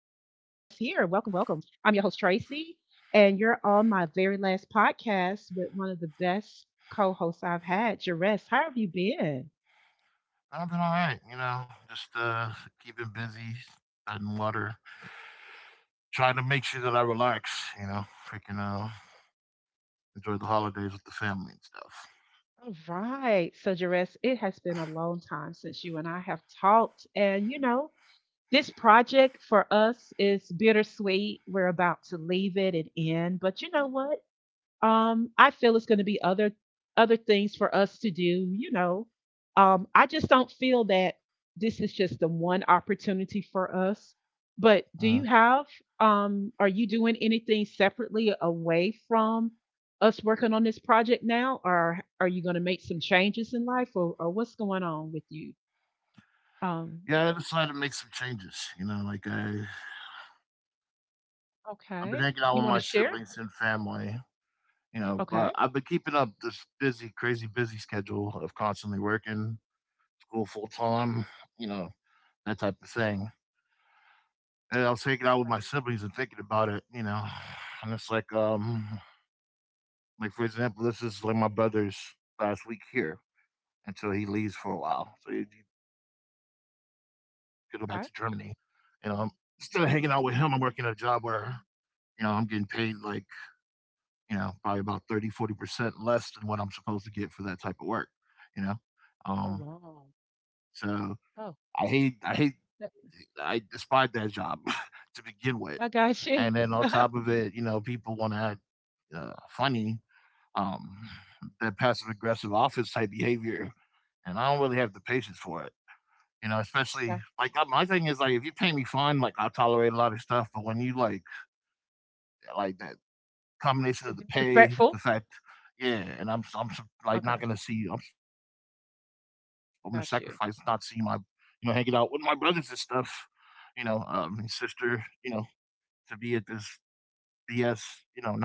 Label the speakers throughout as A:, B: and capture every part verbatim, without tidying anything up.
A: here. Welcome, welcome. I'm your host, Tracy, and you're on my very last podcast with one of the best co hosts I've had, Jerez. How have you been?
B: I've been all right, you know, just uh keeping busy, treading water, trying to make sure that I relax, you know, freaking uh enjoy the holidays with the family and stuff.
A: All right. So, Jerez, it has been a long time since you and I have talked. And, you know, this project for us is bittersweet. We're about to leave it and end. But you know what? Um, I feel it's going to be other other things for us to do. You know, um, I just don't feel that this is just the one opportunity for us. But
B: Uh,
A: do you have? Um, are you doing anything separately away from us working on this project now, or are you going to make some changes in life, or, or what's going on with you? Um,
B: yeah, I decided to make some changes, you know, like I I've been
A: okay,
B: hanging out
A: you
B: with
A: want to
B: my
A: share?
B: siblings and family, you know, but
A: Okay,
B: I've been keeping up this busy, crazy busy schedule of constantly working, school full time, you know, that type of thing. And I was hanging out with my
A: okay.
B: siblings and thinking about it, you know, and it's like um like for example, this is like my brother's last week here until he leaves for a while. So he, he could go back to Germany. And um,
A: Okay.
B: instead of hanging out with him, I'm working at a job where you know I'm getting paid like you know probably about thirty, forty percent less than what I'm supposed to get for that type of work. You know,
A: Oh
B: um,
A: wow.
B: so
A: Oh,
B: I hate, I hate,
A: I
B: I despise that job to begin with.
A: I got you.
B: And then on top of it, you know, people want to act uh, funny. Um, that passive aggressive office type behavior, and I don't really have the patience for it. You know, especially like uh, my thing is like if you pay me fine, like I'll tolerate a lot of stuff. But when you like like that combination
A: Is
B: of
A: it
B: the pay, the
A: disrespectful?
B: fact, yeah, and I'm I'm like not
A: Okay,
B: gonna see I'm I'm gonna sacrifice not seeing my
A: got
B: you know
A: you.
B: hanging out with my brothers and stuff. You know, um, and sister, you know, to be at this B S, you know, nonsense.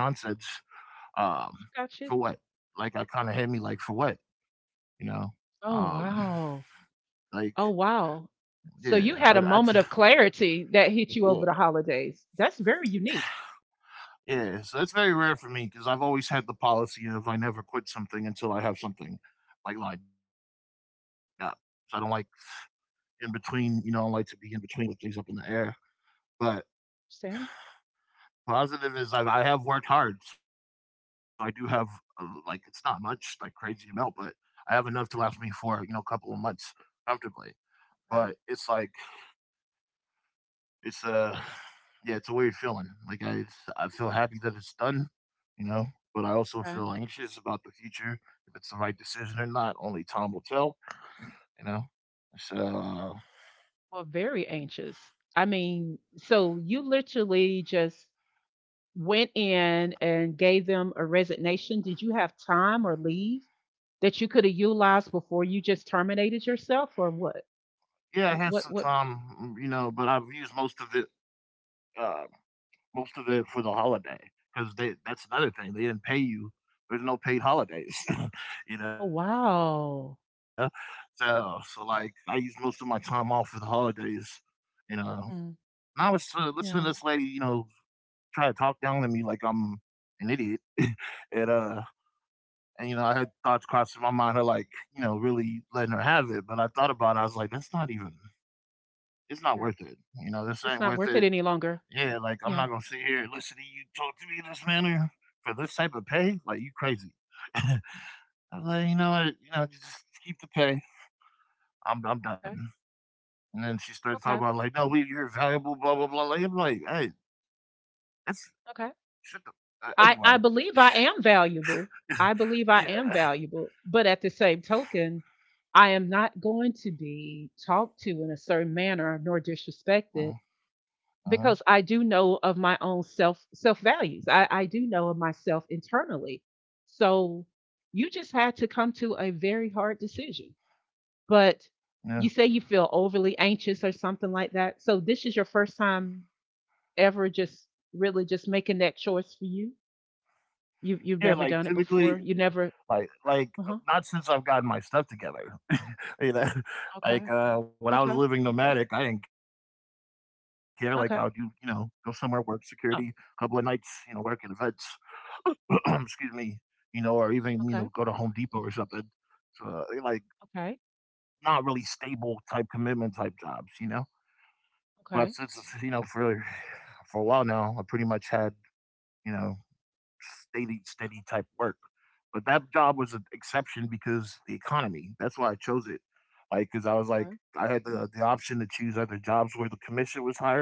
B: Um, for
A: Got
B: what?
A: you.
B: Like I kind of hit me like for what? You know,
A: Oh,
B: um,
A: wow.
B: like
A: Oh, wow. So
B: yeah,
A: you
B: I,
A: had a
B: I t-
A: moment of clarity that hit you
B: yeah.
A: over the holidays. That's very unique.
B: Yeah, so that's very rare for me because I've always had the policy of I never quit something until I have something like lined up. So I don't like in between, you know, I like to be in between with things up in the air. But
A: Sam.
B: positive is I've, I have worked hard, so I do have uh, like it's not much like crazy amount, but I have enough to last me for you know a couple of months comfortably. But it's
A: Okay.
B: like it's a yeah, it's a weird feeling. Like I I feel happy that it's done, you know. But I also
A: Okay.
B: feel anxious about the future. If it's the right decision or not, only time will tell, you know. So uh,
A: Well, very anxious. I mean, so you literally just went in and gave them a resignation. Did you have time or leave that you could have utilized before you just terminated yourself or what?
B: yeah, I had some
A: What what
B: time, you know, but I've used most of it, uh, most of it for the holiday because they that's another thing. They didn't pay you. There's no paid holidays, you know.
A: Oh
B: So
A: wow.
B: so like I used most of my time off for the holidays, and uh, now it's
A: Mm,
B: uh, listening to this lady, you
A: yeah.
B: know, try to talk down to me like I'm an idiot, and uh, and you know, I had thoughts crossed in my mind of like, you know, really letting her have it. But I thought about it, I was like, that's not even it's not worth it. You know, this
A: It's
B: ain't
A: not
B: worth
A: worth it
B: it.
A: any longer.
B: Yeah, like I'm
A: Yeah.
B: not gonna sit here and listen to you talk to me in this manner for this type of pay. Like you crazy. I was like, you know what, you know, just keep the pay. I'm I'm
A: Okay.
B: done. And then she started talking
A: Okay.
B: about like, no, we you're valuable, blah blah blah. Like I'm like, hey, that's
A: Okay.
B: shut the uh,
A: I, I
B: anyway.
A: believe I am valuable. I believe I
B: Yeah.
A: am valuable. But at the same token, I am not going to be talked to in a certain manner nor
B: Uh-huh.
A: disrespected
B: Uh-huh,
A: because I do know of my own self self values. I, I do know of myself internally. So you just had to come to a very hard decision. But
B: yeah.
A: you say you feel overly anxious or something like that. So this is your first time ever just really just making that choice for you? You've
B: Yeah,
A: you've
B: like
A: never done it
B: typically,
A: before? You never.
B: Like like
A: Uh-huh.
B: not since I've gotten my stuff together. You know,
A: Okay.
B: like uh when I was
A: Okay.
B: living nomadic, I didn't care. Like I would do, you know, go somewhere,
A: Okay.
B: work security, a couple of nights,
A: Oh,
B: you know, work at the vets, excuse me, you know, or even, you know, go to Home
A: okay.
B: Depot or something. So uh, like
A: Okay.
B: not really stable type commitment type jobs, you know. But
A: Okay.
B: since you know, for for a while now, I pretty much had, you know, steady, steady type work. But that job was an exception because the economy. That's why I chose it. Like, because I was like,
A: Okay. Mhm.
B: I had the, uh, the option to choose other jobs where the commission was higher.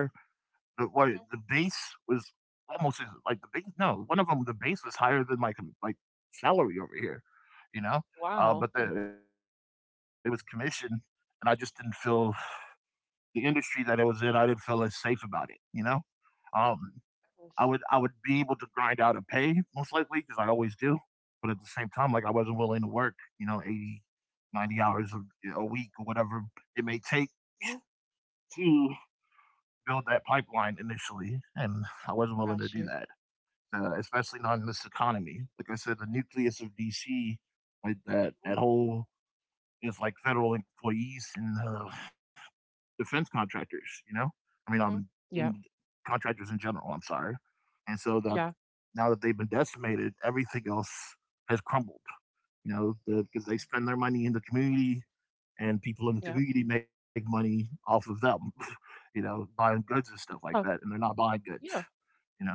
B: The what the base was almost as- like the base. No, one of them, the base was higher than my com- like salary over here. You know, uh,
A: Wow.
B: but the, it was commission, and I just didn't feel the industry that I was in. I didn't feel as safe about it. You know. Um, I would I
A: That.
B: would be able to grind out a pay most likely because I always do. But at the same time, like I wasn't willing to work, you know, eighty, ninety hours a, a week or whatever it may take
A: Mhm,
B: to build that pipeline initially. And I wasn't willing
A: got
B: to do
A: you.
B: that, uh, especially not in this economy. Like I said, the nucleus of D C, like that, that
A: Mhm,
B: whole, it's like federal employees and uh, defense contractors, you know? I mean, um,
A: mhm.
B: in
A: Yep.
B: contractors in general, I'm sorry. And so that
A: Yeah.
B: now that they've been decimated, everything else has crumbled, you know, because the, they spend their money in the community and people in the
A: Yeah.
B: community make money off of them, you know, buying goods and stuff like that.
A: Oh,
B: And they're not buying goods,
A: yeah.
B: you know?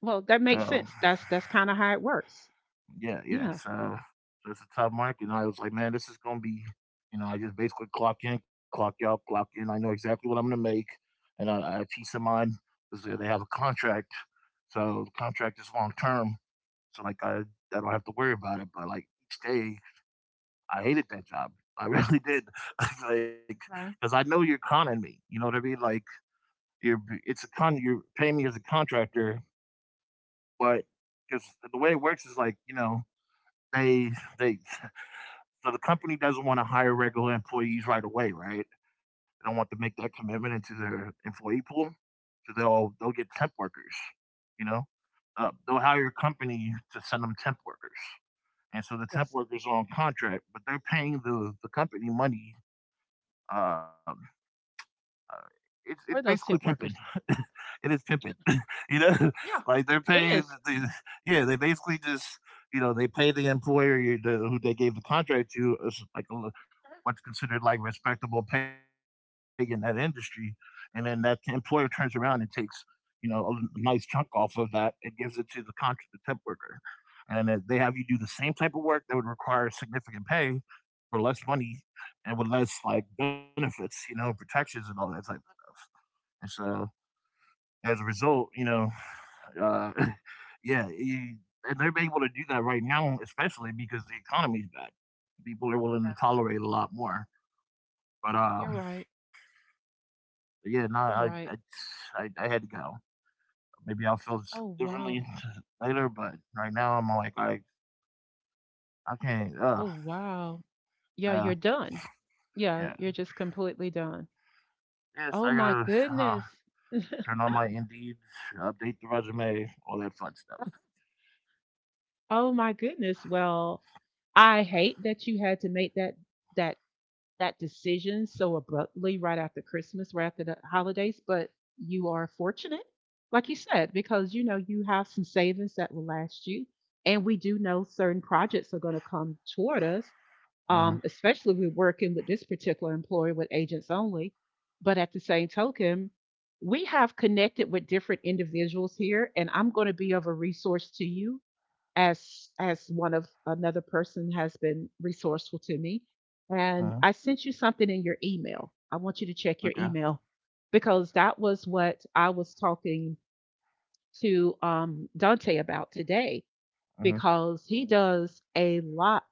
A: Well, that makes
B: Uh,
A: sense. That's that's kind of how it works.
B: Yeah, yeah.
A: Yeah.
B: So, so it's a tough market. And I was like, man, this is gonna be, you know, I just basically clock in, clock out, clock in. I know exactly what I'm gonna make, and I, I have peace of mind because they they have a contract, so the contract is long term. So like I, I don't have to worry about it. But like each day, I hated that job. I really did, like, because
A: Okay.
B: I know you're conning me. You know what I mean? Like you're, it's a con. You're paying me as a contractor, but because the way it works is like, you know, they they so the company doesn't wanna hire regular employees right away, right? They don't want to make that commitment into their employee pool, so they'll they'll get temp workers, you know? Uh, they'll hire a company to send them temp workers, and so the temp
A: Yes.
B: workers are on contract, but they're paying the the company money, um, uh, it's it's
A: For
B: basically
A: those tent
B: pimping.
A: workers.
B: It is pimping.
A: Yeah.
B: You know,
A: Yeah.
B: like they're
A: It
B: paying
A: is.
B: the yeah, they basically just you know they pay the employer you, the, who they gave the contract to as like a, l- what's considered like respectable pay in that industry, and then that employer turns around and takes you know a, l- nice chunk off of that and gives it to the contract the temp worker, and then they have you do the same type of work that would require significant pay for less money and with less like benefits, you know, protections and all that type of stuff, and so as a result, you know, uh, yeah, e- and they're able to do that right now, especially because the economy's bad. People are willing
A: Yeah.
B: to tolerate a lot more. But um,
A: You're right.
B: yeah, no, I,
A: You're
B: I,
A: right.
B: I, I had to go. Maybe I'll feel
A: Oh wow.
B: differently later, but right now I'm like, I, I can't.
A: Oh
B: Uh,
A: wow. Yeah,
B: uh,
A: you're done. Yeah,
B: yeah.
A: you're just completely done.
B: Yes, I
A: Oh
B: gotta
A: my
B: uh,
A: goodness.
B: turn on my Indeed, update the resume, all that fun stuff.
A: Oh my goodness. Well, I hate that you had to make that that that decision so abruptly right after Christmas, right after the holidays, but you are fortunate, like you said, because you know you have some savings that will last you. And we do know certain projects are going to come toward us
B: Uh huh.
A: um, especially if we're working with this particular employer with agents only. But at the same token, we have connected with different individuals here, and I'm going to be of a resource to you as as one of another person has been resourceful to me.
B: Uh
A: And
B: huh.
A: I sent you something in your email. I want you to
B: Okay.
A: check your email because that was what I was talking to um, Dante about today
B: Uh huh.
A: because he does a lot.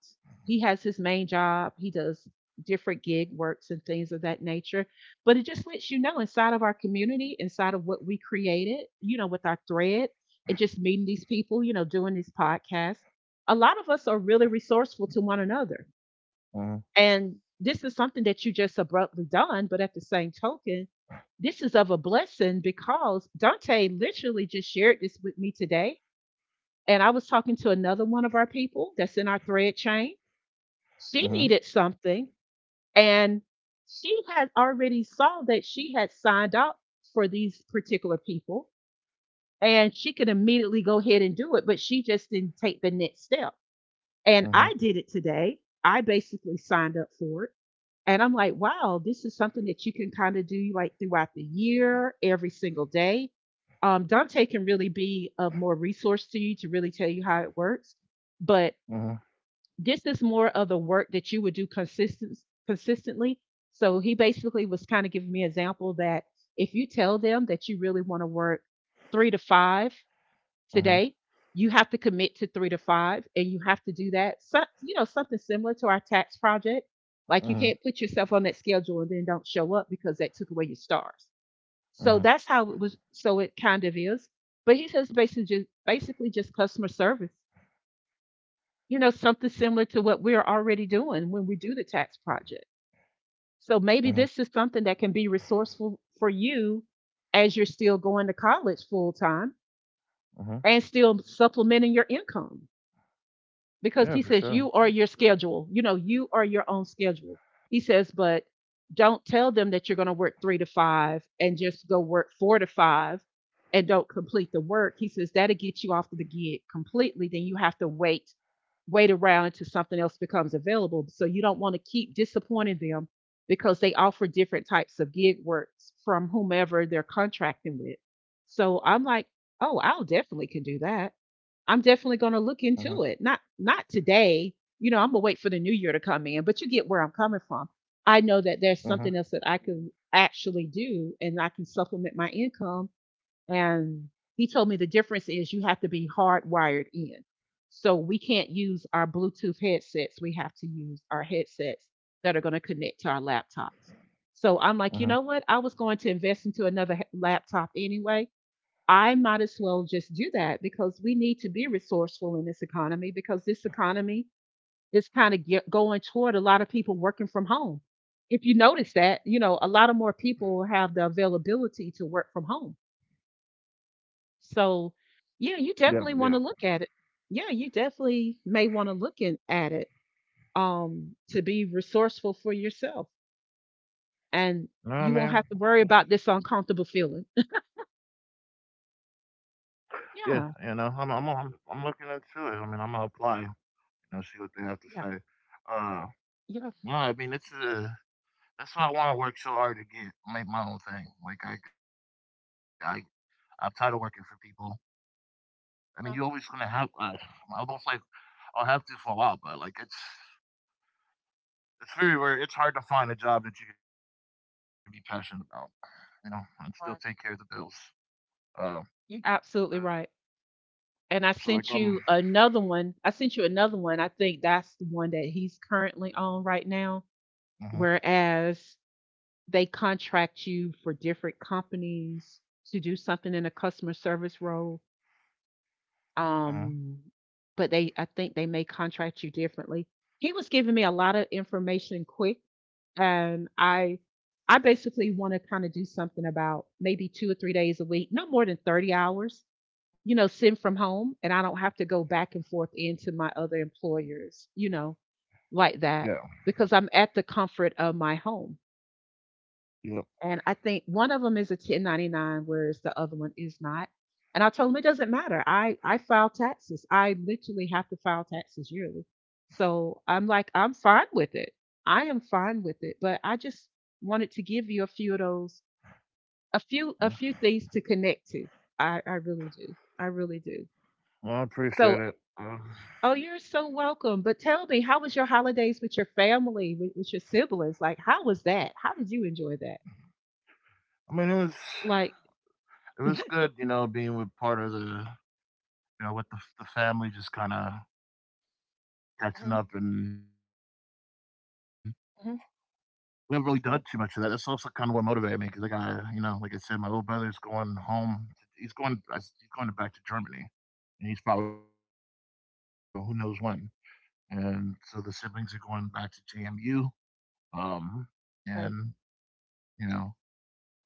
A: He has his main job, he does different gig works and things of that nature. But it just lets you know inside of our community, inside of what we created, you know, with our thread and just meeting these people, you know, doing these podcasts, a lot of us are really resourceful to one another.
B: Uh
A: And this is something that you just abruptly done, but at the same token, this is of a blessing because Dante literally just shared this with me today and I was talking to another one of our people that's in our thread chain.
B: huh.
A: She needed something and she had already saw that she had signed up for these particular people and she could immediately go ahead and do it, but she just didn't take the next step.
B: Uh huh. Uh
A: And
B: huh.
A: I did it today. I basically signed up for it. And I'm like, wow, this is something that you can kind of do like throughout the year, every single day. Um, Dante can really be of more resource to you to really tell you how it works. But
B: Uh
A: this is more of the work that you would do consistent, consistently. So he basically was kind of giving me an example that if you tell them that you really want to work three to five
B: huh.
A: today, you have to commit to three to five, and you have to do that. So, you know, something similar to our tax project. Like you
B: Uh
A: can't put yourself on that schedule and then don't show up because that took away your stars. So
B: huh.
A: that's how it was. So it kind of is. But he says basically just basically just customer service. You know, something similar to what we're already doing when we do the tax project.
B: Uh
A: So
B: huh.
A: maybe this is something that can be resourceful for you as you're still going to college full time
B: Mhm.
A: and still supplementing your income because
B: Yeah,
A: he
B: for Yeah.
A: says
B: sure.
A: you are your schedule. You know, you are your own schedule. He says, but don't tell them that you're going to work three to five and just go work four to five and don't complete the work. He says that'll get you off of the gig completely. Then you have to wait, wait around until something else becomes available. So you don't want to keep disappointing them because they offer different types of gig works from whomever they're contracting with. So I'm like, oh, I'll definitely can do that. I'm definitely
B: Mhm.
A: going to look into it. Not not today. You know, I'm going to wait for the new year to come in, but you get where I'm coming from. I know that
B: Mhm.
A: there's something else that I can actually do and I can supplement my income, and he told me the difference is you have to be hardwired in. So we can't use our Bluetooth headsets. We have to use our headsets that are going to connect to our laptops. So I'm
B: Mhm.
A: like, you know what? I was going to invest into another he- laptop anyway. I might as well just do that because we need to be resourceful in this economy because this economy is kind of ge- going toward a lot of people working from home. If you notice that, you know, a lot of more people have the availability to work from home. So,
B: Yeah, yeah.
A: yeah, you definitely want to look at it. Yeah, you definitely may want to look in, at it, um, to be resourceful for yourself.
B: No,
A: And
B: I mean,
A: you won't have to worry about this uncomfortable feeling.
B: yeah, yeah. No, I'm, I'm,
A: Yeah,
B: I'm, I'm looking into it. I mean, I'm gonna apply. You know, see what they have to say.
A: yeah,
B: Uh, no, I
A: yeah.
B: mean, it's uh that's why I want to work so hard to get make my own thing. Like I, I, I'm tired of working for people. I mean, you always gonna have. Uh,
A: Yeah,
B: I'm almost like I'll have to for a while, but like it's, it's very rare. It's hard to find a job that you can be passionate about. You know, and still take care of the bills.
A: right.
B: Uh.
A: You're
B: So.
A: absolutely right. And I
B: So like
A: sent
B: um,
A: you another one. I sent you another one. I think that's the one that he's currently on right now.
B: huh,
A: Whereas they contract you for different companies to do something in a customer service role.
B: uh
A: Um, but they, I think they may contract you differently. He was giving me a lot of information quick, and I, I basically want to kind of do something about maybe two or three days a week, no more than thirty hours, you
B: huh,
A: know, send from home, and I don't have to go back and forth into my other employers, you know, like that,
B: yeah,
A: because I'm at the comfort of my home.
B: yep.
A: And I think one of them is a ten ninety-nine, whereas the other one is not. And I told them it doesn't matter. I, I file taxes. I literally have to file taxes yearly. So I'm like, I'm fine with it. I am fine with it. But I just wanted to give you a few of those, a few, a
B: Yeah.
A: few things to connect to. I, I really do. I really do.
B: Well, I appreciate
A: So
B: it. Uh,
A: Oh, you're so welcome. But tell me, how was your holidays with your family, with, with your siblings? Like, how was that? How did you enjoy that?
B: I mean, it was
A: Like,
B: it was good, you know, being with part of the you know with the the family, just kind of catching
A: hmm.
B: up, and we haven't
A: Hmm.
B: really done too much of that. That's also kind of what motivated me because I got you know, like I said, my little brother's going home. He's going I s- he's going back to Germany, and he's probably not going to be back for you know who knows when. And so the siblings are going back to J M U. Um,
A: Okay.
B: and you know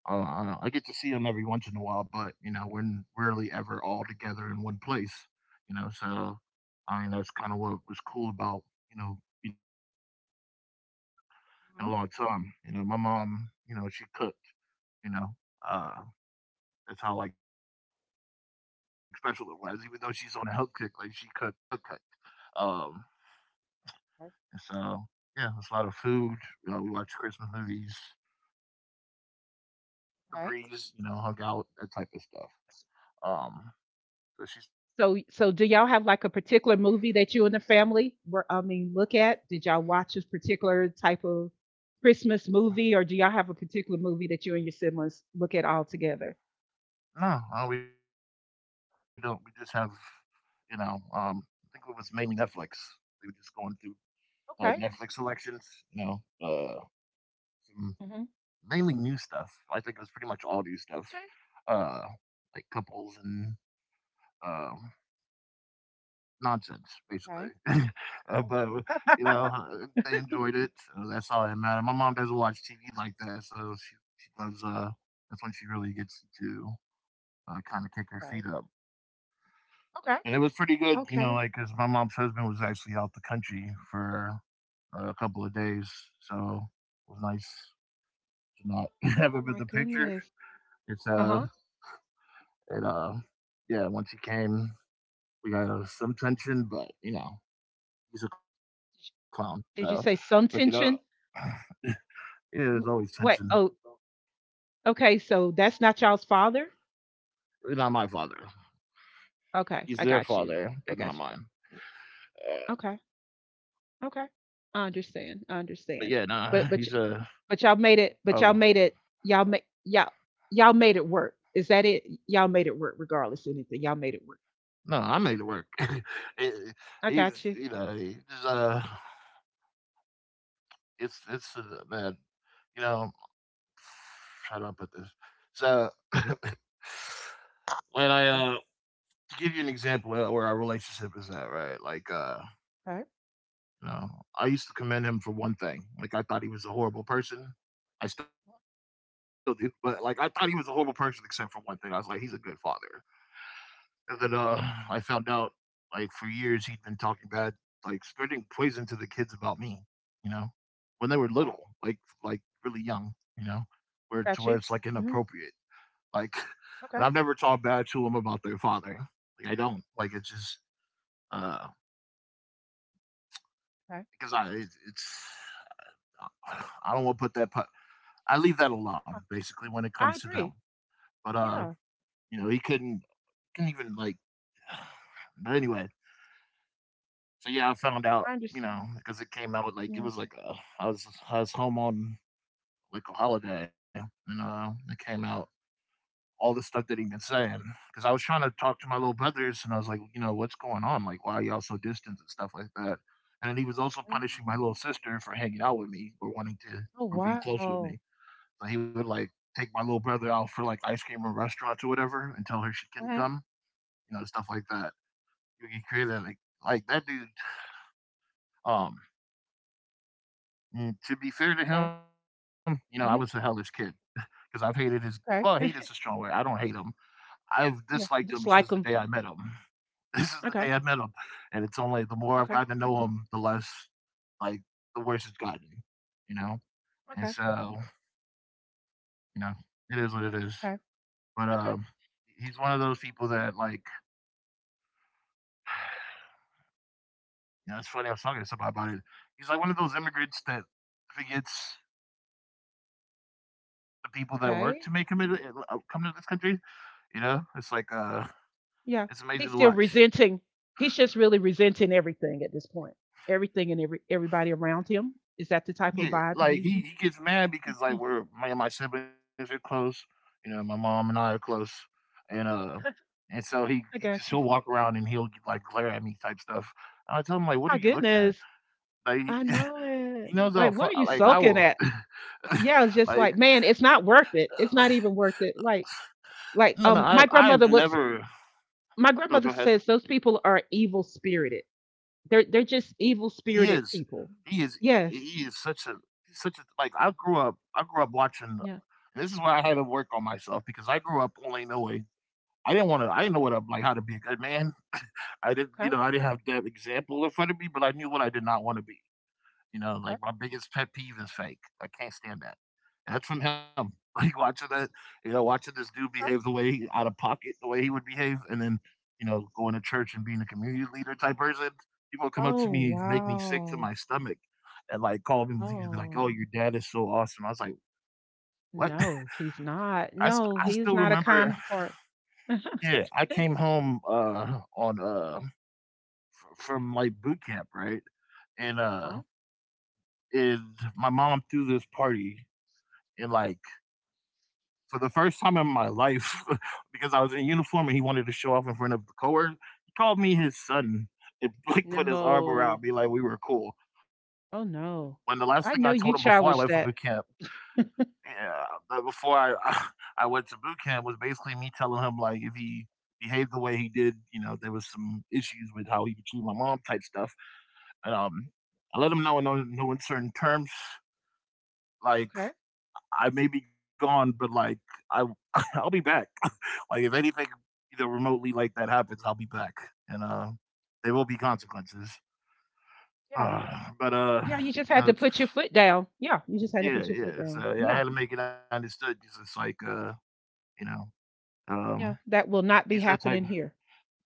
B: I I I get to see him every once in a while, but you know, we're n- rarely ever all together in one place. You know, so I mean, that's kind of what was cool about you know being able to do that. We haven't done that in a
A: Mhm.
B: long time. You know, my mom, you know, she cooked. You know, uh, that's how like special it was. Even though she's on the health kick, like she cooked. You know, cook cook. Um, and
A: Okay.
B: so yeah, it's a lot of food. You know, we watched Christmas movies. Uh, just shot the sh- the
A: Okay.
B: breeze. You know, hung out that type of stuff. Um, So she's taking off
A: so,
B: her
A: so
B: mom.
A: do y'all have like a particular movie that you and the family were, I mean, look at? Did y'all watch a particular type of Christmas movie, or do y'all have a particular movie that you and your siblings look at all together?
B: No, uh, we don't. We just have, you know, um, I think it was mainly Netflix. We were just going through uh,
A: Okay.
B: Netflix selections, you know, uh, some
A: Hmm.
B: mainly new stuff. I think it was pretty much all new stuff, uh, like couples and um, nonsense, basically.
A: Okay.
B: uh, but you
A: Okay.
B: know, uh, they enjoyed it. So that's all that mattered. My mom doesn't watch T V like that, so she she loves. Uh, that's when she really gets to uh, kind of kick her feet
A: Okay.
B: up.
A: Okay.
B: And it was pretty good, you know,
A: Okay.
B: like because my mom's husband was actually out the country for a couple of days, so it was nice to not have
A: Oh
B: him in
A: my
B: the picture.
A: goodness.
B: It's,
A: Uh huh.
B: uh, it, uh, yeah, once he came, we got uh, some tension, but, you know, he's a clown, so
A: Did
B: break
A: you
B: it
A: say
B: up.
A: some tension?
B: Yeah, there's always
A: W-
B: tension.
A: Wait, oh, okay. So that's not y'all's father?
B: He's not my father.
A: Okay,
B: He's
A: I
B: their
A: got you.
B: father,
A: I
B: but not
A: got you.
B: mine. Uh,
A: Okay, okay. I
B: but yeah,
A: understand.
B: nah,
A: I
B: he's,
A: understand.
B: a.
A: But but y- but y'all
B: uh,
A: made
B: uh
A: it. But y'all made it. Y'all made y'all y'all made it work. Is that it? Y'all made it work, regardless of anything. Y'all made it work.
B: no, I made it work.
A: I got
B: He's,
A: you.
B: you know, he's, uh, It's it's uh, man, you know, how do I put this? So, when I,
A: Okay.
B: uh to give you an example where where our relationship is at, right? Like, uh,
A: Okay.
B: you know, I used to commend him for one thing. Like I thought he was a horrible person. I still do, but like I thought he was a horrible person except for one thing. I was like, he's a good father. And then, uh,
A: Okay.
B: I found out, like, for years he'd been talking bad, like, spreading poison to the kids about me, you know, when they were
A: Oh,
B: little,
A: wow.
B: like, like really young, you know, where to
A: Got
B: where
A: you.
B: it's like
A: Hmm.
B: inappropriate, like, and
A: Okay.
B: I've never talked bad to them about their father. Like, I don't like it's just, uh,
A: Okay.
B: because I, it, it's, I don't want to put that pu-, I leave that alone
A: Huh.
B: basically when it comes to
A: I
B: them.
A: agree.
B: But, uh,
A: Yeah.
B: you know, he couldn't couldn't even like. But anyway, so yeah, I found out,
A: I
B: you
A: understand.
B: know, because it came out, like it
A: Yeah.
B: was like, uh, I was I was home on like a holiday, and, uh, it came out all the stuff that he'd been saying. Because I was trying to talk to my little brothers, and I was like, you know, what's going on? Like, why are y'all so distant and stuff like that? And then he was also
A: Mhm.
B: punishing my little sister for hanging out with me or wanting to
A: Oh
B: or being close with
A: wow.
B: me. So he would like take my little brother out for like ice cream or restaurants or whatever, and tell her she couldn't
A: Hmm.
B: come, you know, stuff like that. You can create that like like that dude. um And to be fair to
A: Okay.
B: him, you know, I was a
A: Hmm.
B: hellish kid because I've hated his. Well, hate is a
A: Okay.
B: strong word. I don't hate him. I've
A: Yeah.
B: disliked him since the
A: Dislike
B: day
A: him.
B: I met him. This is the day
A: Okay.
B: I met him, and it's only the more I've
A: Okay.
B: gotten to know him, the less like the worse it's gotten, you know. And
A: Okay.
B: so, you know, it is what it is.
A: Okay.
B: But,
A: Okay.
B: um, he's one of those people that like, you know, it's funny. I was talking to somebody about it. He's like one of those immigrants that forgets the people that work
A: Okay.
B: to make him in- uh, come to this country. You know, it's like, uh,
A: Yeah.
B: It's
A: He's
B: amazing to
A: still
B: watch.
A: resenting. He's just really resenting everything at this point. Everything and every everybody around him. Is that the type of
B: Yeah,
A: vibe he
B: like
A: gives
B: he,
A: you?
B: he gets mad because like
A: Yeah.
B: we're my my siblings are close. You know, my mom and I are close, and, uh, and so he, he
A: I
B: just he'll
A: got you.
B: walk around and he'll like glare at me type stuff. And I tell him like, what are
A: My
B: you looking at?
A: goodness.
B: Like he,
A: I know
B: he
A: it.
B: knows how
A: Like,
B: fu-
A: what are you
B: like I
A: sulking
B: will,
A: at? Yeah, it's just
B: like,
A: like, man, it's not worth it. It's not even worth it. Like,
B: no no
A: like,
B: I
A: um, my
B: I've
A: grandmother looks.
B: never.
A: My
B: Oh, go
A: grandmother
B: ahead.
A: says those people are evil spirited. They're they're
B: He
A: just
B: is,
A: evil spirited
B: he is he,
A: people.
B: he is such a
A: Yes.
B: he's such a like I grew up I grew up watching. And this is why I had to work on myself because I grew up only knowing I didn't want to. I didn't know what I, like how to be a good man. I didn't, you
A: Okay, okay,
B: know, I didn't have that example in front of me, but I knew what I did not want to be. You know, like my biggest pet peeve is fake. I can't stand that. And that's from him. Like watching that, you know, watching this dude
A: okay.
B: behave the way he, out of pocket, the way he would behave, and then, you know, going to church and being a community leader type person. People come up to
A: Oh,
B: me, and make me sick to
A: wow.
B: my stomach, and like call me, like,
A: Oh,
B: "Oh, your dad is so awesome." I was like, "What?"
A: no, he's
B: I,
A: not.
B: st- I
A: No,
B: still
A: he's not a
B: remember.
A: kind part.
B: Yeah, I came home, uh on uh from like boot camp, right? and uh
A: Huh?
B: and my mom threw this party, and like for the first time in my life, because I was in uniform and he wanted to show off in front of the coworker, he called me his son, and like put his arm around
A: No.
B: me like we were cool, when the
A: Oh,
B: last thing I
A: no.
B: told him
A: I
B: before I
A: know
B: left for
A: you
B: boot
A: challenged
B: camp.
A: that.
B: Yeah, before I, I I went to boot camp was basically me telling him like if he behaved the way he did, you know, there was some issues with how he would treat my mom type stuff. And um I let him know in no, no uncertain terms, like
A: Okay.
B: I may be gone, but like I, I'll be back. Like if anything, you know, remotely like that happens, I'll be back. And uh there will be consequences.
A: Yeah.
B: Uh, but uh,
A: Yeah. You just
B: you
A: had to
B: know,
A: put your foot down. Yeah. You just had to
B: yeah,
A: put your foot
B: yeah.
A: down.
B: So yeah, I
A: Yeah.
B: had to make it understood. 'Cause it's like, uh, you know, Um,
A: Yeah. That will not
B: he's
A: be
B: that type.
A: happening here.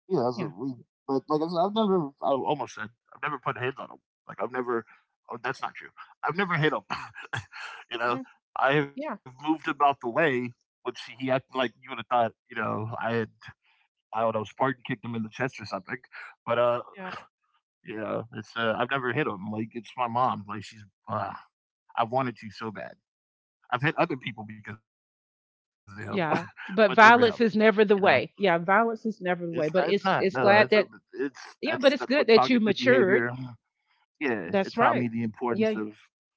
B: Yeah, that's a,
A: Yeah.
B: we. But like I said, I've never. I almost said I've never put hands on him. Like I've never. Oh, that's not true. I've never hit him. you know,
A: Hmm.
B: I have
A: Yeah.
B: moved him out the way, which he acted like you would have thought. You know, I had. I don't know. Spartan kicked him in the chest or something. But uh,
A: Yeah.
B: Yeah, it's. Uh, I've never hit him. Like it's my mom. Like she's. Uh, I wanted to so bad. I've hit other people because of him, but never him.
A: Yeah.
B: You
A: But
B: know.
A: violence is never the way. Yeah.
B: It's
A: Violence
B: not.
A: is
B: It's
A: never the
B: not.
A: way.
B: No,
A: But
B: no.
A: it's,
B: It's a.
A: it's glad
B: It's
A: that,
B: that's that's
A: yeah,
B: what
A: but it's good
B: cognitive
A: that you
B: behavior.
A: matured.
B: Yeah, it taught
A: That's
B: me the
A: right.
B: importance of
A: Yeah.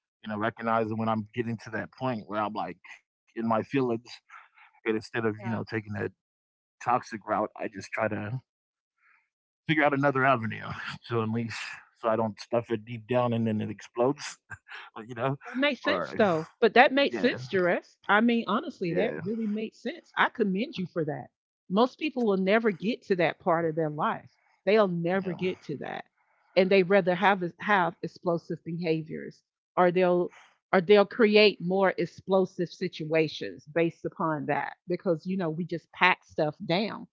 B: you know recognizing when I'm getting to that point where I'm like in my feelings, and instead of you know
A: Yeah.
B: taking that toxic route, I just try to figure out another avenue to at least so I don't stuff it deep down and then it explodes. You know,
A: That makes sense
B: or
A: though. But that makes
B: yeah,
A: sense, Jerez. I mean,
B: yeah,
A: honestly, that really makes sense. I commend you for that. Most people will never get to that part of their life. They'll never
B: yeah,
A: get to that. And they rather have have explosive behaviors or they'll or they'll create more explosive situations based upon that because you know we just pack stuff down,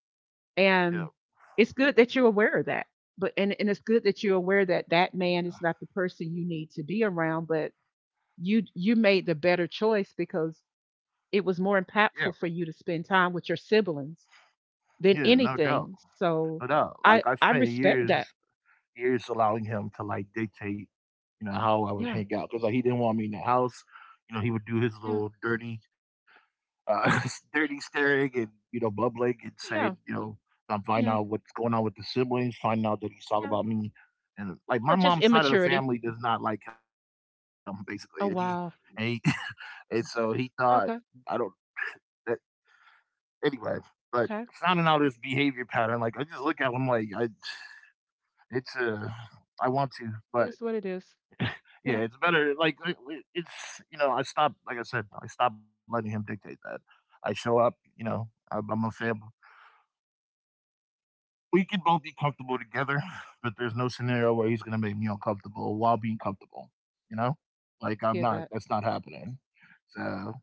B: yeah,
A: and it's good that you're aware of that, but and, and it's good that you're aware that that man is not the person you need to be around, but you you made the better choice because it was more
B: yeah,
A: impactful for you to spend time with your siblings
B: yeah.
A: than
B: No doubt,
A: anything.
B: no
A: So
B: doubt. Like
A: I
B: I
A: I
B: spent
A: respect
B: years
A: that.
B: years allowing him to like dictate, you know, how I would
A: Yeah.
B: hang out because like he didn't want me in the house. You know, he would do his
A: Yeah.
B: little dirty, uh, dirty
A: Yeah.
B: staring and you know bubbling and saying,
A: Yeah.
B: you know, I'm finding
A: Yeah.
B: out what's going on with the siblings, finding out that he's talking
A: Yeah.
B: about me, and like my
A: Yeah. Just
B: mom's side of the
A: immaturity.
B: family does not like him basically, and he,
A: Oh
B: and he,
A: wow.
B: and so he thought I don't.
A: Okay.
B: That, anyway, but
A: Okay.
B: finding out his behavior pattern, like I just look at him like, I, it's a, I want to,
A: It
B: but.
A: is what it is.
B: Yeah,
A: Yep.
B: it's better. Like i- i- it's, you know, I stopped. Like I said, I stopped letting him dictate that. I show up. You know, I'm, I'm a fam. We can both be comfortable together, but there's no scenario where he's gonna make me uncomfortable while being comfortable. You know, like, I'm
A: Get
B: not.
A: that.
B: That's not happening. So,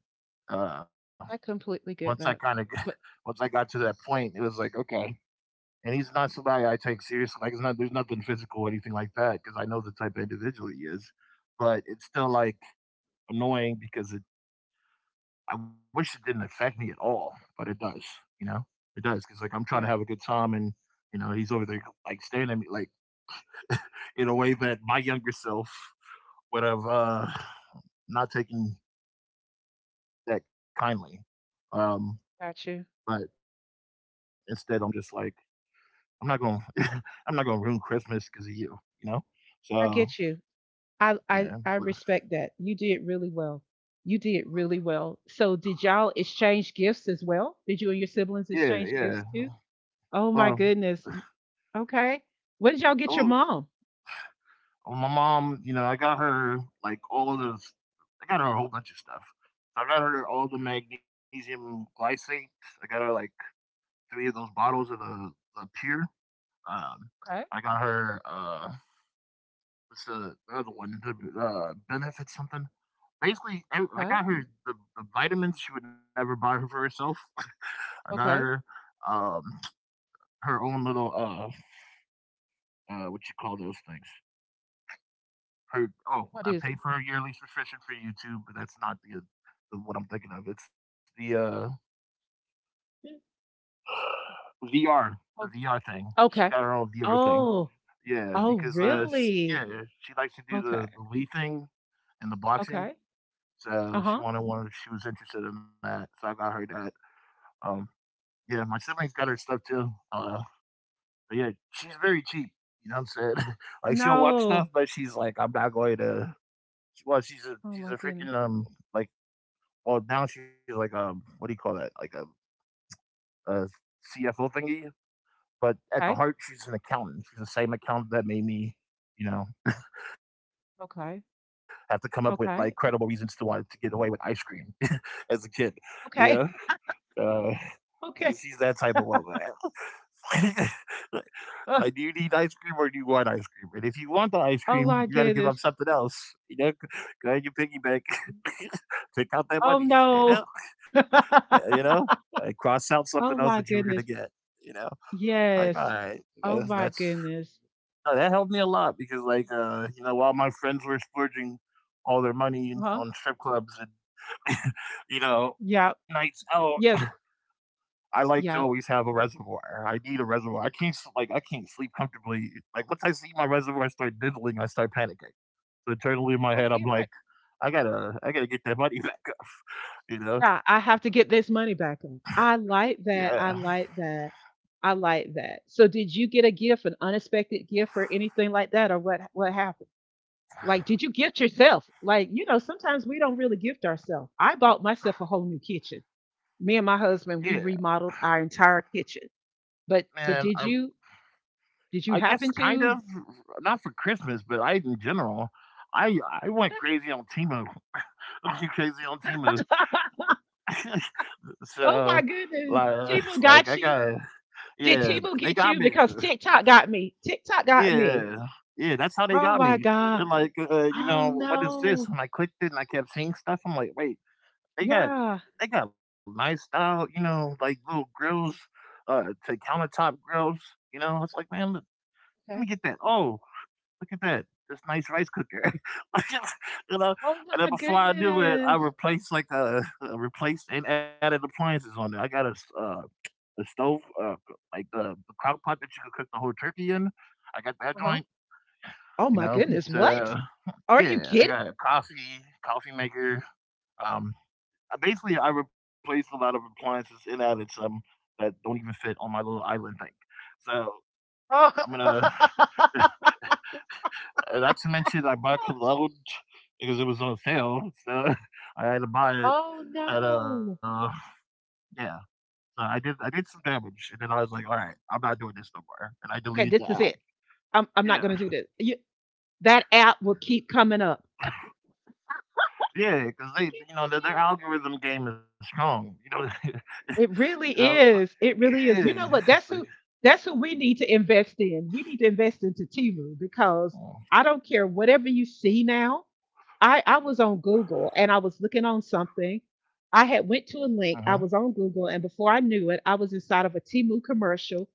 B: uh,
A: I
B: once
A: completely
B: I
A: get
B: kind of
A: that. But
B: once I got to that point, it was like, okay. And he's not somebody I take seriously. Like it's not. There's nothing physical or anything like that because I know the type of individual he is. But it's still like annoying because it I wish it didn't affect me at all, but it does, you know? It does. 'Cause like, I'm trying to
A: yeah,
B: have a good time and, you know, he's over there, like, staring at me, like, in a way that my younger self would have, uh, not taken that kindly. Um,
A: got you.
B: but instead, I'm just like, "I'm not gonna I'm not gonna ruin Christmas because of you," you know?
A: I
B: So,
A: get you. I
B: yeah,
A: I I
B: but
A: respect that. You did really well. You did really well. So did y'all exchange gifts as well? Did you and your siblings
B: yeah,
A: exchange
B: yeah.
A: gifts too? Oh my
B: Well,
A: goodness. Okay. What did y'all get your mom?
B: Well, my mom, you know, I got her like all of this. I got her a whole bunch of stuff. So I got her all the magnesium glycate. I got her like three of those bottles of the, the pure. Um,
A: Okay.
B: I got her uh, what's the the other one? The uh, benefit something. Basically, I, I
A: Okay.
B: got her the, the vitamins she would never buy her for herself. I got her
A: Okay.
B: um her own little uh uh what you call those things. Her oh,
A: What
B: I
A: is it?
B: paid for her yearly subscription for YouTube, but that's not the, the what I'm thinking of. It's the uh
A: Mm.
B: V R, the
A: Oh.
B: V R thing. She got
A: Okay.
B: her own V R thing.
A: Oh.
B: Yeah,
A: Oh
B: because uh, she, yeah,
A: really?
B: she likes to do the
A: Okay.
B: the Wii thing and the boxing.
A: Okay.
B: So she
A: Uh-huh.
B: wanted one. She was interested in that, so I got her that. Um, yeah, my siblings got her stuff too. Uh, but yeah, she's very cheap. You know what I'm saying? Like she'll watch
A: No.
B: stuff, but she's like, I'm not going to. Well, she's a
A: Oh
B: she's
A: my
B: a
A: goodness.
B: freaking um like. Well, now she's like a what do you call that? Like a a C F O thingy. But at the
A: Okay.
B: heart, she's an accountant. She's the same accountant that made me, you know, have to come up with
A: Okay.
B: like credible reasons to want to
A: Okay.
B: get away with ice cream as a kid. You know,
A: Okay.
B: uh, she's that type
A: Okay.
B: of woman. Like, do you need
A: Uh,
B: ice cream or do you want ice cream? And if you want the ice cream, you
A: oh
B: got to
A: my
B: give up
A: goodness.
B: something else. You know, go in your piggy bank, take out that
A: Oh
B: money. You
A: no.
B: know? Uh, you know, I cross out something else
A: Oh
B: that you were
A: my
B: gonna
A: goodness.
B: get. You know, like all
A: Yes.
B: right,
A: Oh my
B: that's,
A: goodness.
B: no, that helped me a lot because like uh, you know, while my friends were splurging all their money
A: Huh?
B: on strip clubs and you know
A: Yeah.
B: nights out,
A: Yes.
B: I like to always
A: Yeah.
B: have a reservoir. I need a reservoir. I can't s- like I can't sleep comfortably. Like once I see my reservoir I start diddling, I start panicking. So internally in my
A: Right,
B: head, I'm
A: you're
B: like,
A: right.
B: I gotta I gotta get that money back up. You know?
A: Yeah. I have to get this money back in. I like
B: Yeah.
A: that. I like that. I like that. So did you get a gift, an unexpected gift or anything like that? Or what what happened? Like, did you gift yourself? Like, you know, sometimes we don't really gift ourselves. I bought myself a whole new kitchen. Me and my
B: Yeah,
A: husband, we remodeled our entire kitchen. But
B: man.
A: but
B: I
A: did you did
B: I
A: you
B: guess
A: happen
B: kind of
A: to.
B: not for Christmas, but I in general. I I went crazy on Timu. I went crazy on Timu. So
A: Oh my goodness.
B: like like
A: Tebow
B: I
A: got
B: got
A: you. Did
B: yeah,
A: Tebow
B: they
A: get
B: got me.
A: you? Because TikTok got me. TikTok got me.
B: Yeah. Yeah, that's how they
A: Oh
B: got
A: my
B: me.
A: God.
B: They're like, uh, you
A: Oh
B: know, what is
A: no.
B: this? And I clicked it and I kept seeing stuff. I'm like, wait, they got
A: Yeah.
B: they got lifestyle, you know, like little grills, uh to countertop grills, you know. It's like, man, let me
A: Okay.
B: get that. Oh, look at that. This nice rice cooker. You know,
A: Oh
B: and then
A: my
B: before I knew it, I
A: goodness.
B: replaced like uh uh, replaced and added appliances on there. I got a uh, a stove, uh, like the, the crock pot that you can cook the whole turkey in. I got that
A: Uh-huh.
B: joint,
A: Oh
B: you
A: my
B: know.
A: goodness. What?
B: So
A: Are you
B: yeah, I
A: kidding?
B: got a coffee, coffee maker. Um, I basically I replaced a lot of appliances and added some that don't even fit on my little island thing. So
A: Oh.
B: I'm gonna. Uh, not to mention I bought cologne because it was on sale, so I had to buy it.
A: Oh
B: And uh,
A: no.
B: yeah, so I did I did some damage, and then I was like, all right, I'm not doing this no more, and I deleted
A: Okay,
B: the
A: this is
B: app.
A: it. I'm I'm not
B: Yeah,
A: gonna do this. You, that app will keep coming up.
B: yeah, because they,
A: Keep
B: you know, their, their
A: coming up.
B: algorithm game is strong. You know,
A: It
B: you
A: really
B: know,
A: is. It really is.
B: yeah.
A: You know what?
B: It's like,
A: That's who that's who we need to invest in. We need to invest into Timu because
B: oh,
A: I don't care whatever you see now. I I was on Google and I was looking on something. I
B: uh
A: had
B: huh,
A: went to a link. I was on Google and before I knew it, I was inside of a Timu commercial,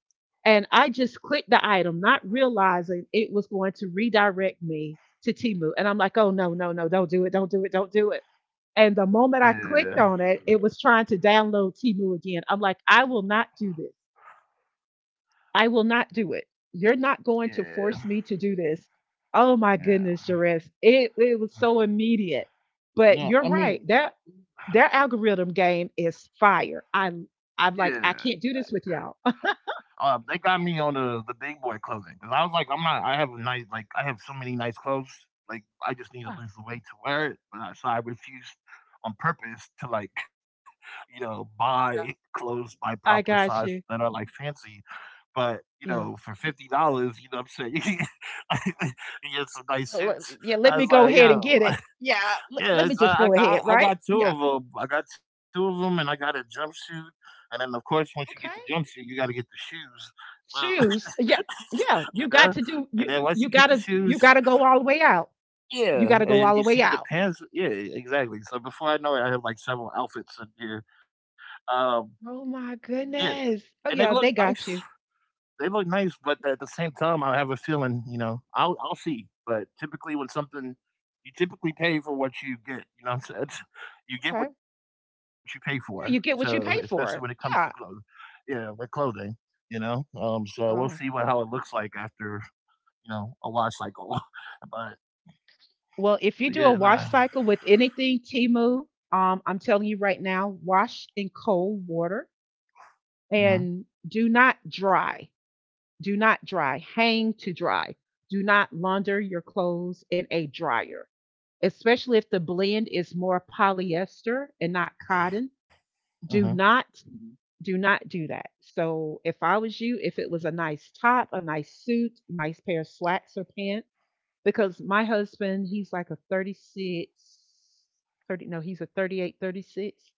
A: and I just clicked the item not realizing it was going to redirect me to Timu. And I'm like, "Oh no, no, no. Don't do it. Don't do it. Don't do it." And the moment I
B: yeah,
A: clicked on it, it was trying to download Timu again. I'm like, I will not do this. I will not do it. You're not going to
B: yeah,
A: force me to do this. Oh my goodness,
B: yeah.
A: Jerez. It it was so immediate. But
B: No,
A: you're
B: I
A: right.
B: mean,
A: That their algorithm game is fire. I I'm I'm like,
B: yeah.
A: I can't do this with y'all.
B: Uh, they got me on the the big boy clothing because I was like, I'm not. I have a nice like I have so many nice clothes. Like I just need to lose the weight to wear it, but I, so I refused on purpose to like you know buy clothes by proper
A: I
B: size
A: got
B: that
A: you.
B: are like fancy. But you know,
A: Yeah.
B: for fifty dollars, you know, what I'm saying, you get some nice
A: Let-
B: suits.
A: Yeah,
B: I
A: let
B: was
A: me go
B: like,
A: ahead and
B: yo,
A: get it. Yeah, let,
B: yeah,
A: let me
B: it's,
A: just
B: I, I
A: go
B: got
A: ahead,
B: I
A: right?
B: got two
A: Yeah.
B: of them. I got two of them, and I got a jumpsuit. And then, of course, once you get the
A: Okay.
B: jumpsuit, you got to get the shoes. So
A: Shoes. Yeah, yeah.
B: you
A: You
B: know,
A: got to do
B: and
A: you.
B: then once you
A: You
B: get the
A: gotta you
B: shoes,
A: gotta go all the way out. You
B: yeah,
A: gotta go
B: and
A: all
B: you
A: the way
B: see the
A: out.
B: pants. Yeah, exactly. So before I know it, I have like several outfits in here. Um,
A: Oh my
B: yeah,
A: goodness.
B: and they
A: Oh
B: look
A: yeah, they
B: nice.
A: got you.
B: They look nice, but at the same time, I have a feeling, you know, I'll I'll see. But typically, when something you typically pay for what you get, you know what I'm saying? It's, You get
A: Okay.
B: what you pay for. So,
A: Yeah, you get
B: especially when
A: what
B: it
A: you
B: comes
A: pay
B: to
A: for.
B: clothes,
A: Yeah.
B: yeah, with clothing, you know. Um, so we'll see what
A: Oh.
B: how it looks like after you know a wash cycle. but,
A: Well, if
B: but
A: you
B: yeah,
A: do a
B: nah.
A: wash cycle with anything Timu, um, I'm telling you right now, wash in cold water
B: Mhm.
A: and do not dry. Do not dry. Hang to dry. Do not launder your clothes in a dryer, especially if the blend is more polyester and not cotton.
B: Mhm.
A: Do not do not do that. So if I was you, if it was a nice top, a nice suit, nice pair of slacks or pants, because my husband he's like a thirty six, thirty, no he's a thirty eight, thirty six,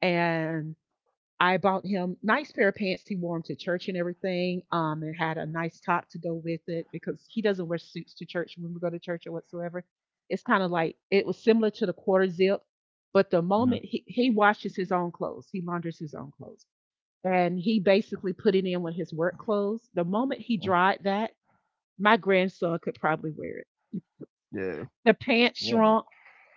A: and I bought him nice pair of pants. He wore them to church and everything. Um, and had a nice top to go with it, because he doesn't wear suits to church when we go to church or whatsoever. It's kind of like it was similar to the quarter zip, but the
B: Mhm.
A: moment he, he washes his own clothes, he launders his own clothes, and he basically put it in with his work clothes. The moment he
B: Mm,
A: dried that, my grandson could probably wear it.
B: yeah.
A: The pants
B: Yeah. Nah.
A: shrunk,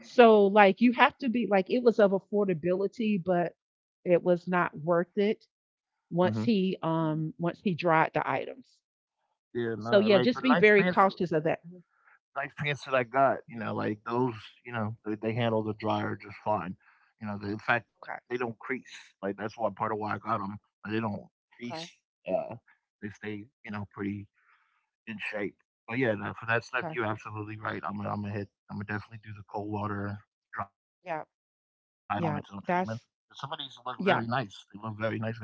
A: so like you have to be like, it was of affordability, but it was not worth it
B: Mhm.
A: once he, um once he dried the items.
B: Yeah.
A: So
B: Nah.
A: yeah,
B: Like the
A: just be
B: nice
A: very
B: pants
A: cautious of that. Mhm.
B: nice pants that I got, you know, like those, you know, they, they handle the dryer just fine. You know, they, in fact, they
A: Okay,
B: don't crease. Like that's why part of why I got them. Like, they don't crease.
A: okay,
B: Uh, they stay, you know, pretty in shape. But yeah, no, for that stuff,
A: okay.
B: you're absolutely right. I'm gonna, I'm gonna hit. I'm gonna definitely do the cold water, dry it on its
A: Yeah,
B: own treatment. Some
A: yeah.
B: of these look
A: That's
B: very nice. They look very
A: yeah,
B: nice, very fashionable,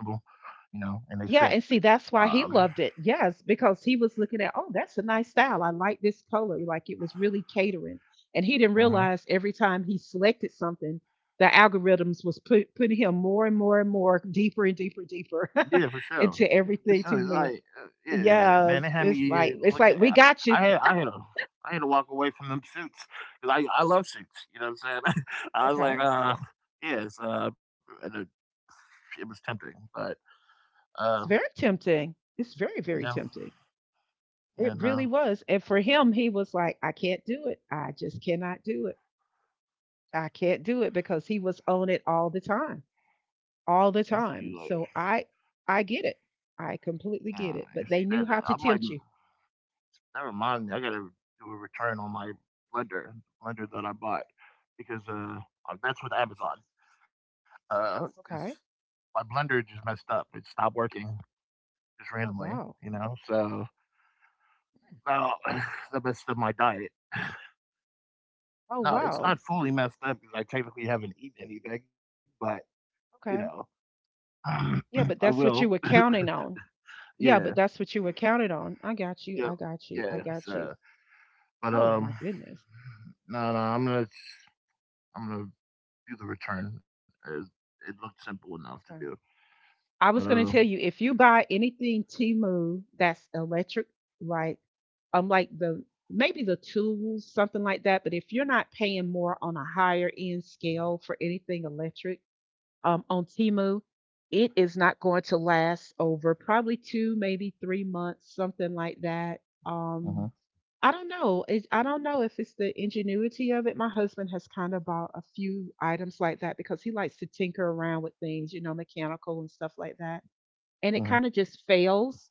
B: you know, and they fit.
A: yeah. And see,
B: Um,
A: that's why he loved it. Yes, because he was looking at, oh, that's a nice style. I like this color. Like it was really catering, and he didn't
B: mhm.
A: realize every time he selected something, the algorithms was put, putting him more and more and more, deeper and
B: Yeah, for
A: deeper and
B: sure.
A: deeper,
B: So
A: into
B: it's like,
A: everything to
B: uh,
A: live.
B: yeah, man, they had
A: Yes,
B: me
A: it's
B: uh, look
A: like
B: at.
A: it's like we
B: I had,
A: got
B: I
A: you.
B: had a, I had to walk away from them suits because I, I love suits. You know what I'm saying? I was like,
A: Okay.
B: uh, yeah, it's, uh, and it, it was tempting, but uh,
A: It's very tempting. It's very, very
B: no,
A: tempting.
B: and
A: It
B: uh,
A: really was. And for him, he was like, I can't do it. I just cannot do it. I can't do it because he was on it all the time.
B: you
A: All the
B: see, like,
A: time. So I I get it. I completely
B: uh,
A: get it.
B: you
A: But
B: see
A: they
B: that,
A: knew
B: that
A: how
B: I'm
A: to
B: like,
A: tempt you.
B: never mind. I gotta do a return on my blender, blender that I bought because uh, uh, that's with Amazon. Uh, because
A: Okay.
B: my blender just messed up. It stopped working. Just
A: Oh
B: randomly,
A: wow.
B: you know. So now that messed up my diet.
A: Oh
B: No, it's
A: wow.
B: not fully messed up because I technically haven't eaten anything, but you know,
A: Okay.
B: I
A: Yeah, but that's
B: will.
A: what you were counting on.
B: Yeah,
A: Yeah, but that's what you were counting on. I got you.
B: yeah,
A: I got you. I
B: yeah.
A: got you.
B: So, but
A: Oh my
B: um,
A: goodness.
B: no, no, I'm gonna, I'm gonna do the return. It, it looked simple enough to do,
A: Okay.
B: but
A: I was
B: um,
A: going to tell you, if you buy anything Timu that's electric, right? Um, like the, maybe the tools, something like that. But if you're not paying more on a higher end scale for anything electric, um, on Timu, it is not going to last over probably two, maybe three months, something like that.
B: uh, uh-huh,
A: Um, I don't know. It, I don't know if it's the ingenuity of it. My husband has kind of bought a few items like that because he likes to tinker around with things, you know, mechanical and stuff like that, and it
B: uh-huh,
A: kind of just fails.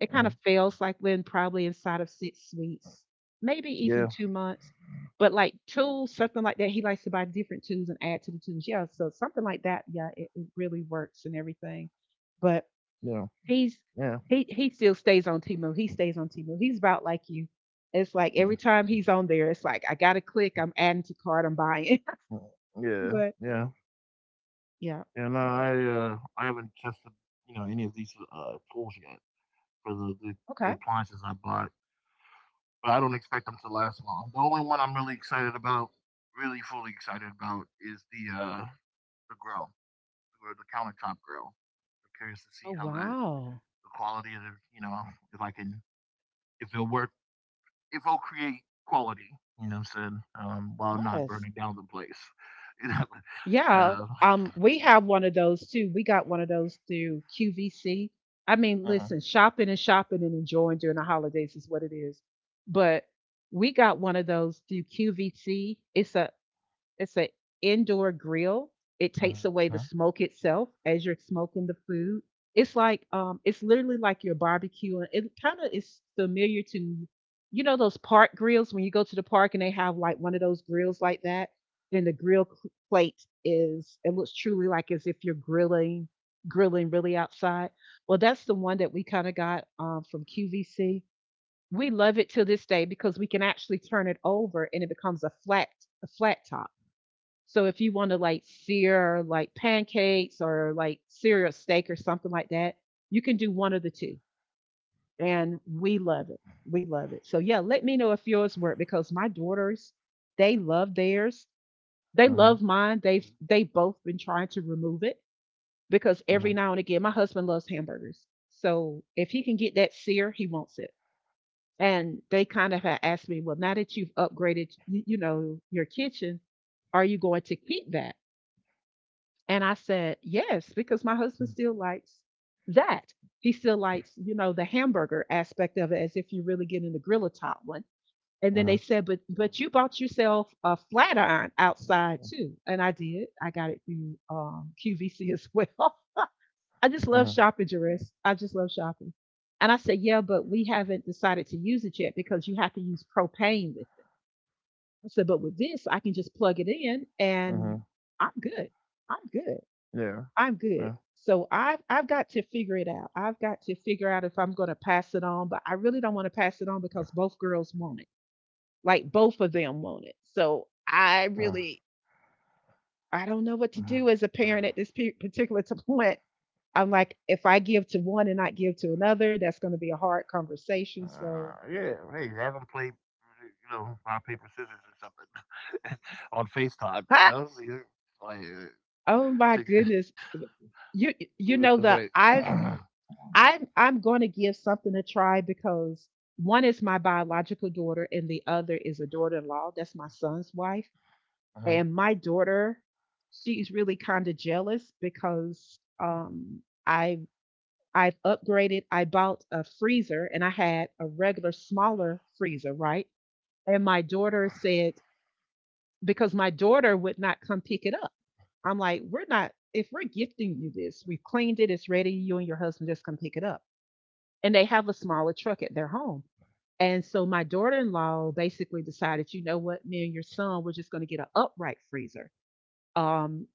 A: It kind
B: uh-huh.
A: of fails like when probably inside of six weeks, maybe even
B: Yeah,
A: two months. But like tools, something like that, he likes to buy different tools and add to the tools. Yeah, so something like that, yeah, it, it really works and everything. But
B: yeah,
A: he's
B: yeah,
A: he he still stays on Timu. He stays on Timu. He's about like you. It's like every
B: mm-hmm,
A: time he's on there, it's like I gotta click. I'm adding to cart. I'm buying.
B: mm-hmm. Yeah,
A: But
B: yeah, yeah.
A: yeah,
B: And uh, I, uh, I haven't tested, you know, any of these uh tools yet. For the, the,
A: okay.
B: the appliances I bought, but I don't expect them to last long. The only one I'm really excited about, really fully excited about, is the uh the grill, or the countertop grill. I'm curious to see
A: Oh
B: how that,
A: wow.
B: the quality of the, you know, if I can, if it'll work, if it'll create quality. You know, what I'm saying, um, while not
A: Nice.
B: burning down the place. You know,
A: Yeah,
B: so
A: um, we have one of those too. We got one of those through Q V C. I mean,
B: uh-huh,
A: listen, shopping and shopping and enjoying during the holidays is what it is. But we got one of those through Q V C. It's a it's an indoor grill. It
B: uh-huh,
A: takes away the smoke itself as you're smoking the food. It's like, um, it's literally like you're barbecuing. It kind of is familiar to, you know, those park grills when you go to the park and they have like one of those grills like that. Then the grill cl- plate is, it looks truly like as if you're grilling, grilling really outside. Well, that's the one that we kind of got um, from Q V C. We love it to this day because we can actually turn it over and it becomes a flat a flat top. So if you want to like sear like pancakes or like sear a steak or something like that, you can do one of the two. And we love it. We love it. So yeah, let me know if yours work because my daughters, they love theirs. They
B: uh-huh,
A: love mine. They've they both been trying to remove it because
B: uh-huh,
A: every now and again, my husband loves hamburgers. So if he can get that sear, he wants it. And they kind of have asked me, well, now that you've upgraded, you know, your kitchen, are you going to keep that? And I said, yes, because my husband still likes that. He still likes, you know, the hamburger aspect of it as if you're really getting the griller top one. And then
B: uh-huh,
A: they said, but but you bought yourself a flat iron outside too. And I did. I got it through um, Q V C as well. I just
B: uh-huh,
A: love shopping, Jerris. I just love shopping. And I said, yeah, but we haven't decided to use it yet because you have to use propane with it. I said, but with this, I can just plug it in and
B: uh-huh.
A: I'm good. I'm good.
B: Yeah,
A: I'm
B: yeah.
A: good. So I've I've got to figure it out. I've got to figure out if I'm gonna pass it on, but I really don't want to pass it on because both girls want it. Like both of them want it. So I really I don't know what to do as a
B: Uh-huh.
A: parent at this pe- particular point. I'm like, if I give to one and not give to another, that's going to be a hard conversation.
B: Uh,
A: So,
B: yeah, hey, have them play, you know, rock paper scissors or something on FaceTime. You know, so you- like, uh,
A: oh my
B: to,
A: goodness, you
B: leave it to
A: you know
B: fate.
A: the
B: Uh-huh,
A: I've I'm I'm going to give something a try because one is my biological daughter and the other is a daughter-in-law. That's my son's wife, and my daughter, she's really kind of jealous because um I I've upgraded. I bought a freezer and I had a regular smaller freezer, right? And my daughter said because my daughter would not come pick it up. I'm like, we're not. If we're gifting you this, we've cleaned it. It's ready. You and your husband just come pick it up, and they have a smaller truck at their home. And so my daughter in law basically decided, you know what, me and your son, we're just going to get an upright freezer. Um,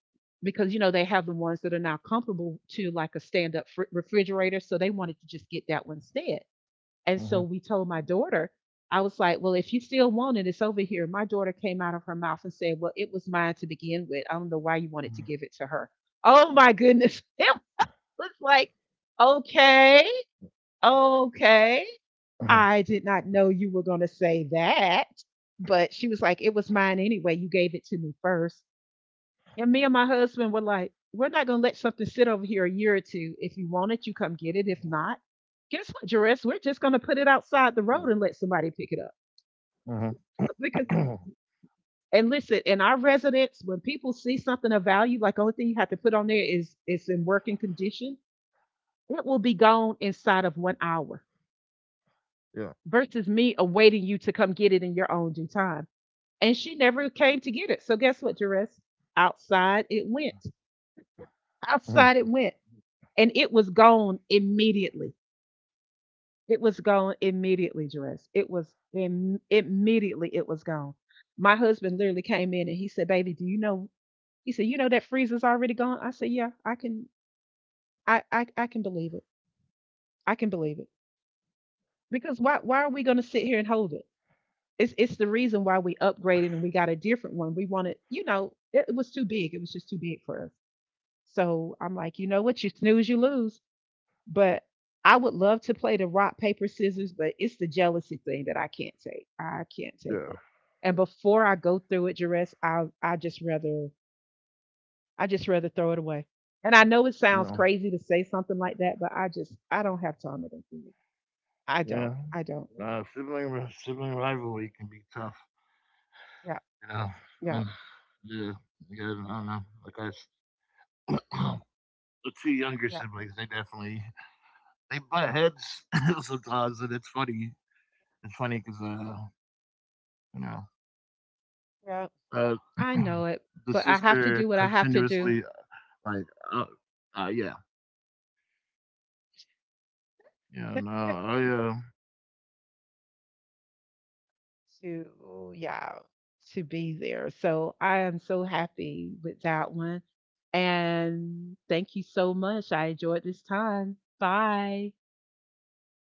A: because, you know, they have the ones that are now comparable to like a stand up fr- refrigerator. So they wanted to just get that one instead. And
B: uh-huh,
A: so we told my daughter, I was like, well, if you still want it, it's over here. My daughter came out of her mouth and said, well, it was mine to begin with. I don't know why you wanted to give it to her. Oh my goodness. It was like, okay, okay.
B: uh-huh,
A: I did not know you were going to say that. But she was like, it was mine anyway. You gave it to me first. And me and my husband were like, we're not going to let something sit over here a year or two. If you want it, you come get it. If not, guess what, Jerris? We're just going to put it outside the road and let somebody pick it up.
B: uh-huh.
A: Because, and listen, in our residence, when people see something of value, like the only thing you have to put on there is it's in working condition, it will be gone inside of one hour
B: Yeah,
A: versus me awaiting you to come get it in your own due time, and she never came to get it. So guess what, Jerez? Outside it went.
B: uh-huh,
A: Outside it went, and it was gone immediately. It was gone immediately, Jerez. It was Im- immediately it was gone. My husband literally came in and he said, "Baby, do you know?" He said, "You know that freezer's already gone." I said, "Yeah, I can, I, I, I can believe it. I can believe it because why, why are we going to sit here and hold it?" It's, it's the reason why we upgraded and we got a different one. We wanted, you know, it, it was too big. It was just too big for us. So I'm like, you know what? You snooze, you lose. But I would love to play the rock, paper, scissors, but it's the jealousy thing that I can't take. I can't take
B: yeah,
A: it. And before I go through it, Jerez, I I just rather I just rather throw it away. And I know it sounds
B: no,
A: crazy to say something like that, but I just I don't have time to go through it. I don't.
B: yeah.
A: I don't.
B: Uh, sibling Sibling rivalry can be tough.
A: Yeah,
B: You know, I
A: yeah,
B: mean, yeah, you I don't know. Like I, the two younger
A: yeah,
B: siblings, they definitely they butt heads sometimes, and it's funny. It's funny because uh, you know,
A: yeah.
B: uh,
A: I know it,
B: the
A: but I have to
B: sister
A: do what I have to do.
B: continuously like, uh, uh yeah, yeah, no, I uh, yeah, I haven't really,
A: to
B: I don't
A: yeah
B: know, like I,
A: to
B: I have
A: be
B: to,
A: there
B: I
A: so I am so
B: guess I have
A: happy
B: to make
A: with
B: some
A: that
B: changes. I got to
A: one,
B: return some of this gear
A: and
B: and probably
A: thank you
B: throw away
A: so
B: these
A: much. I
B: computer
A: enjoyed
B: screens,
A: this time.
B: or I'll donate them.
A: Bye.
B: They typically,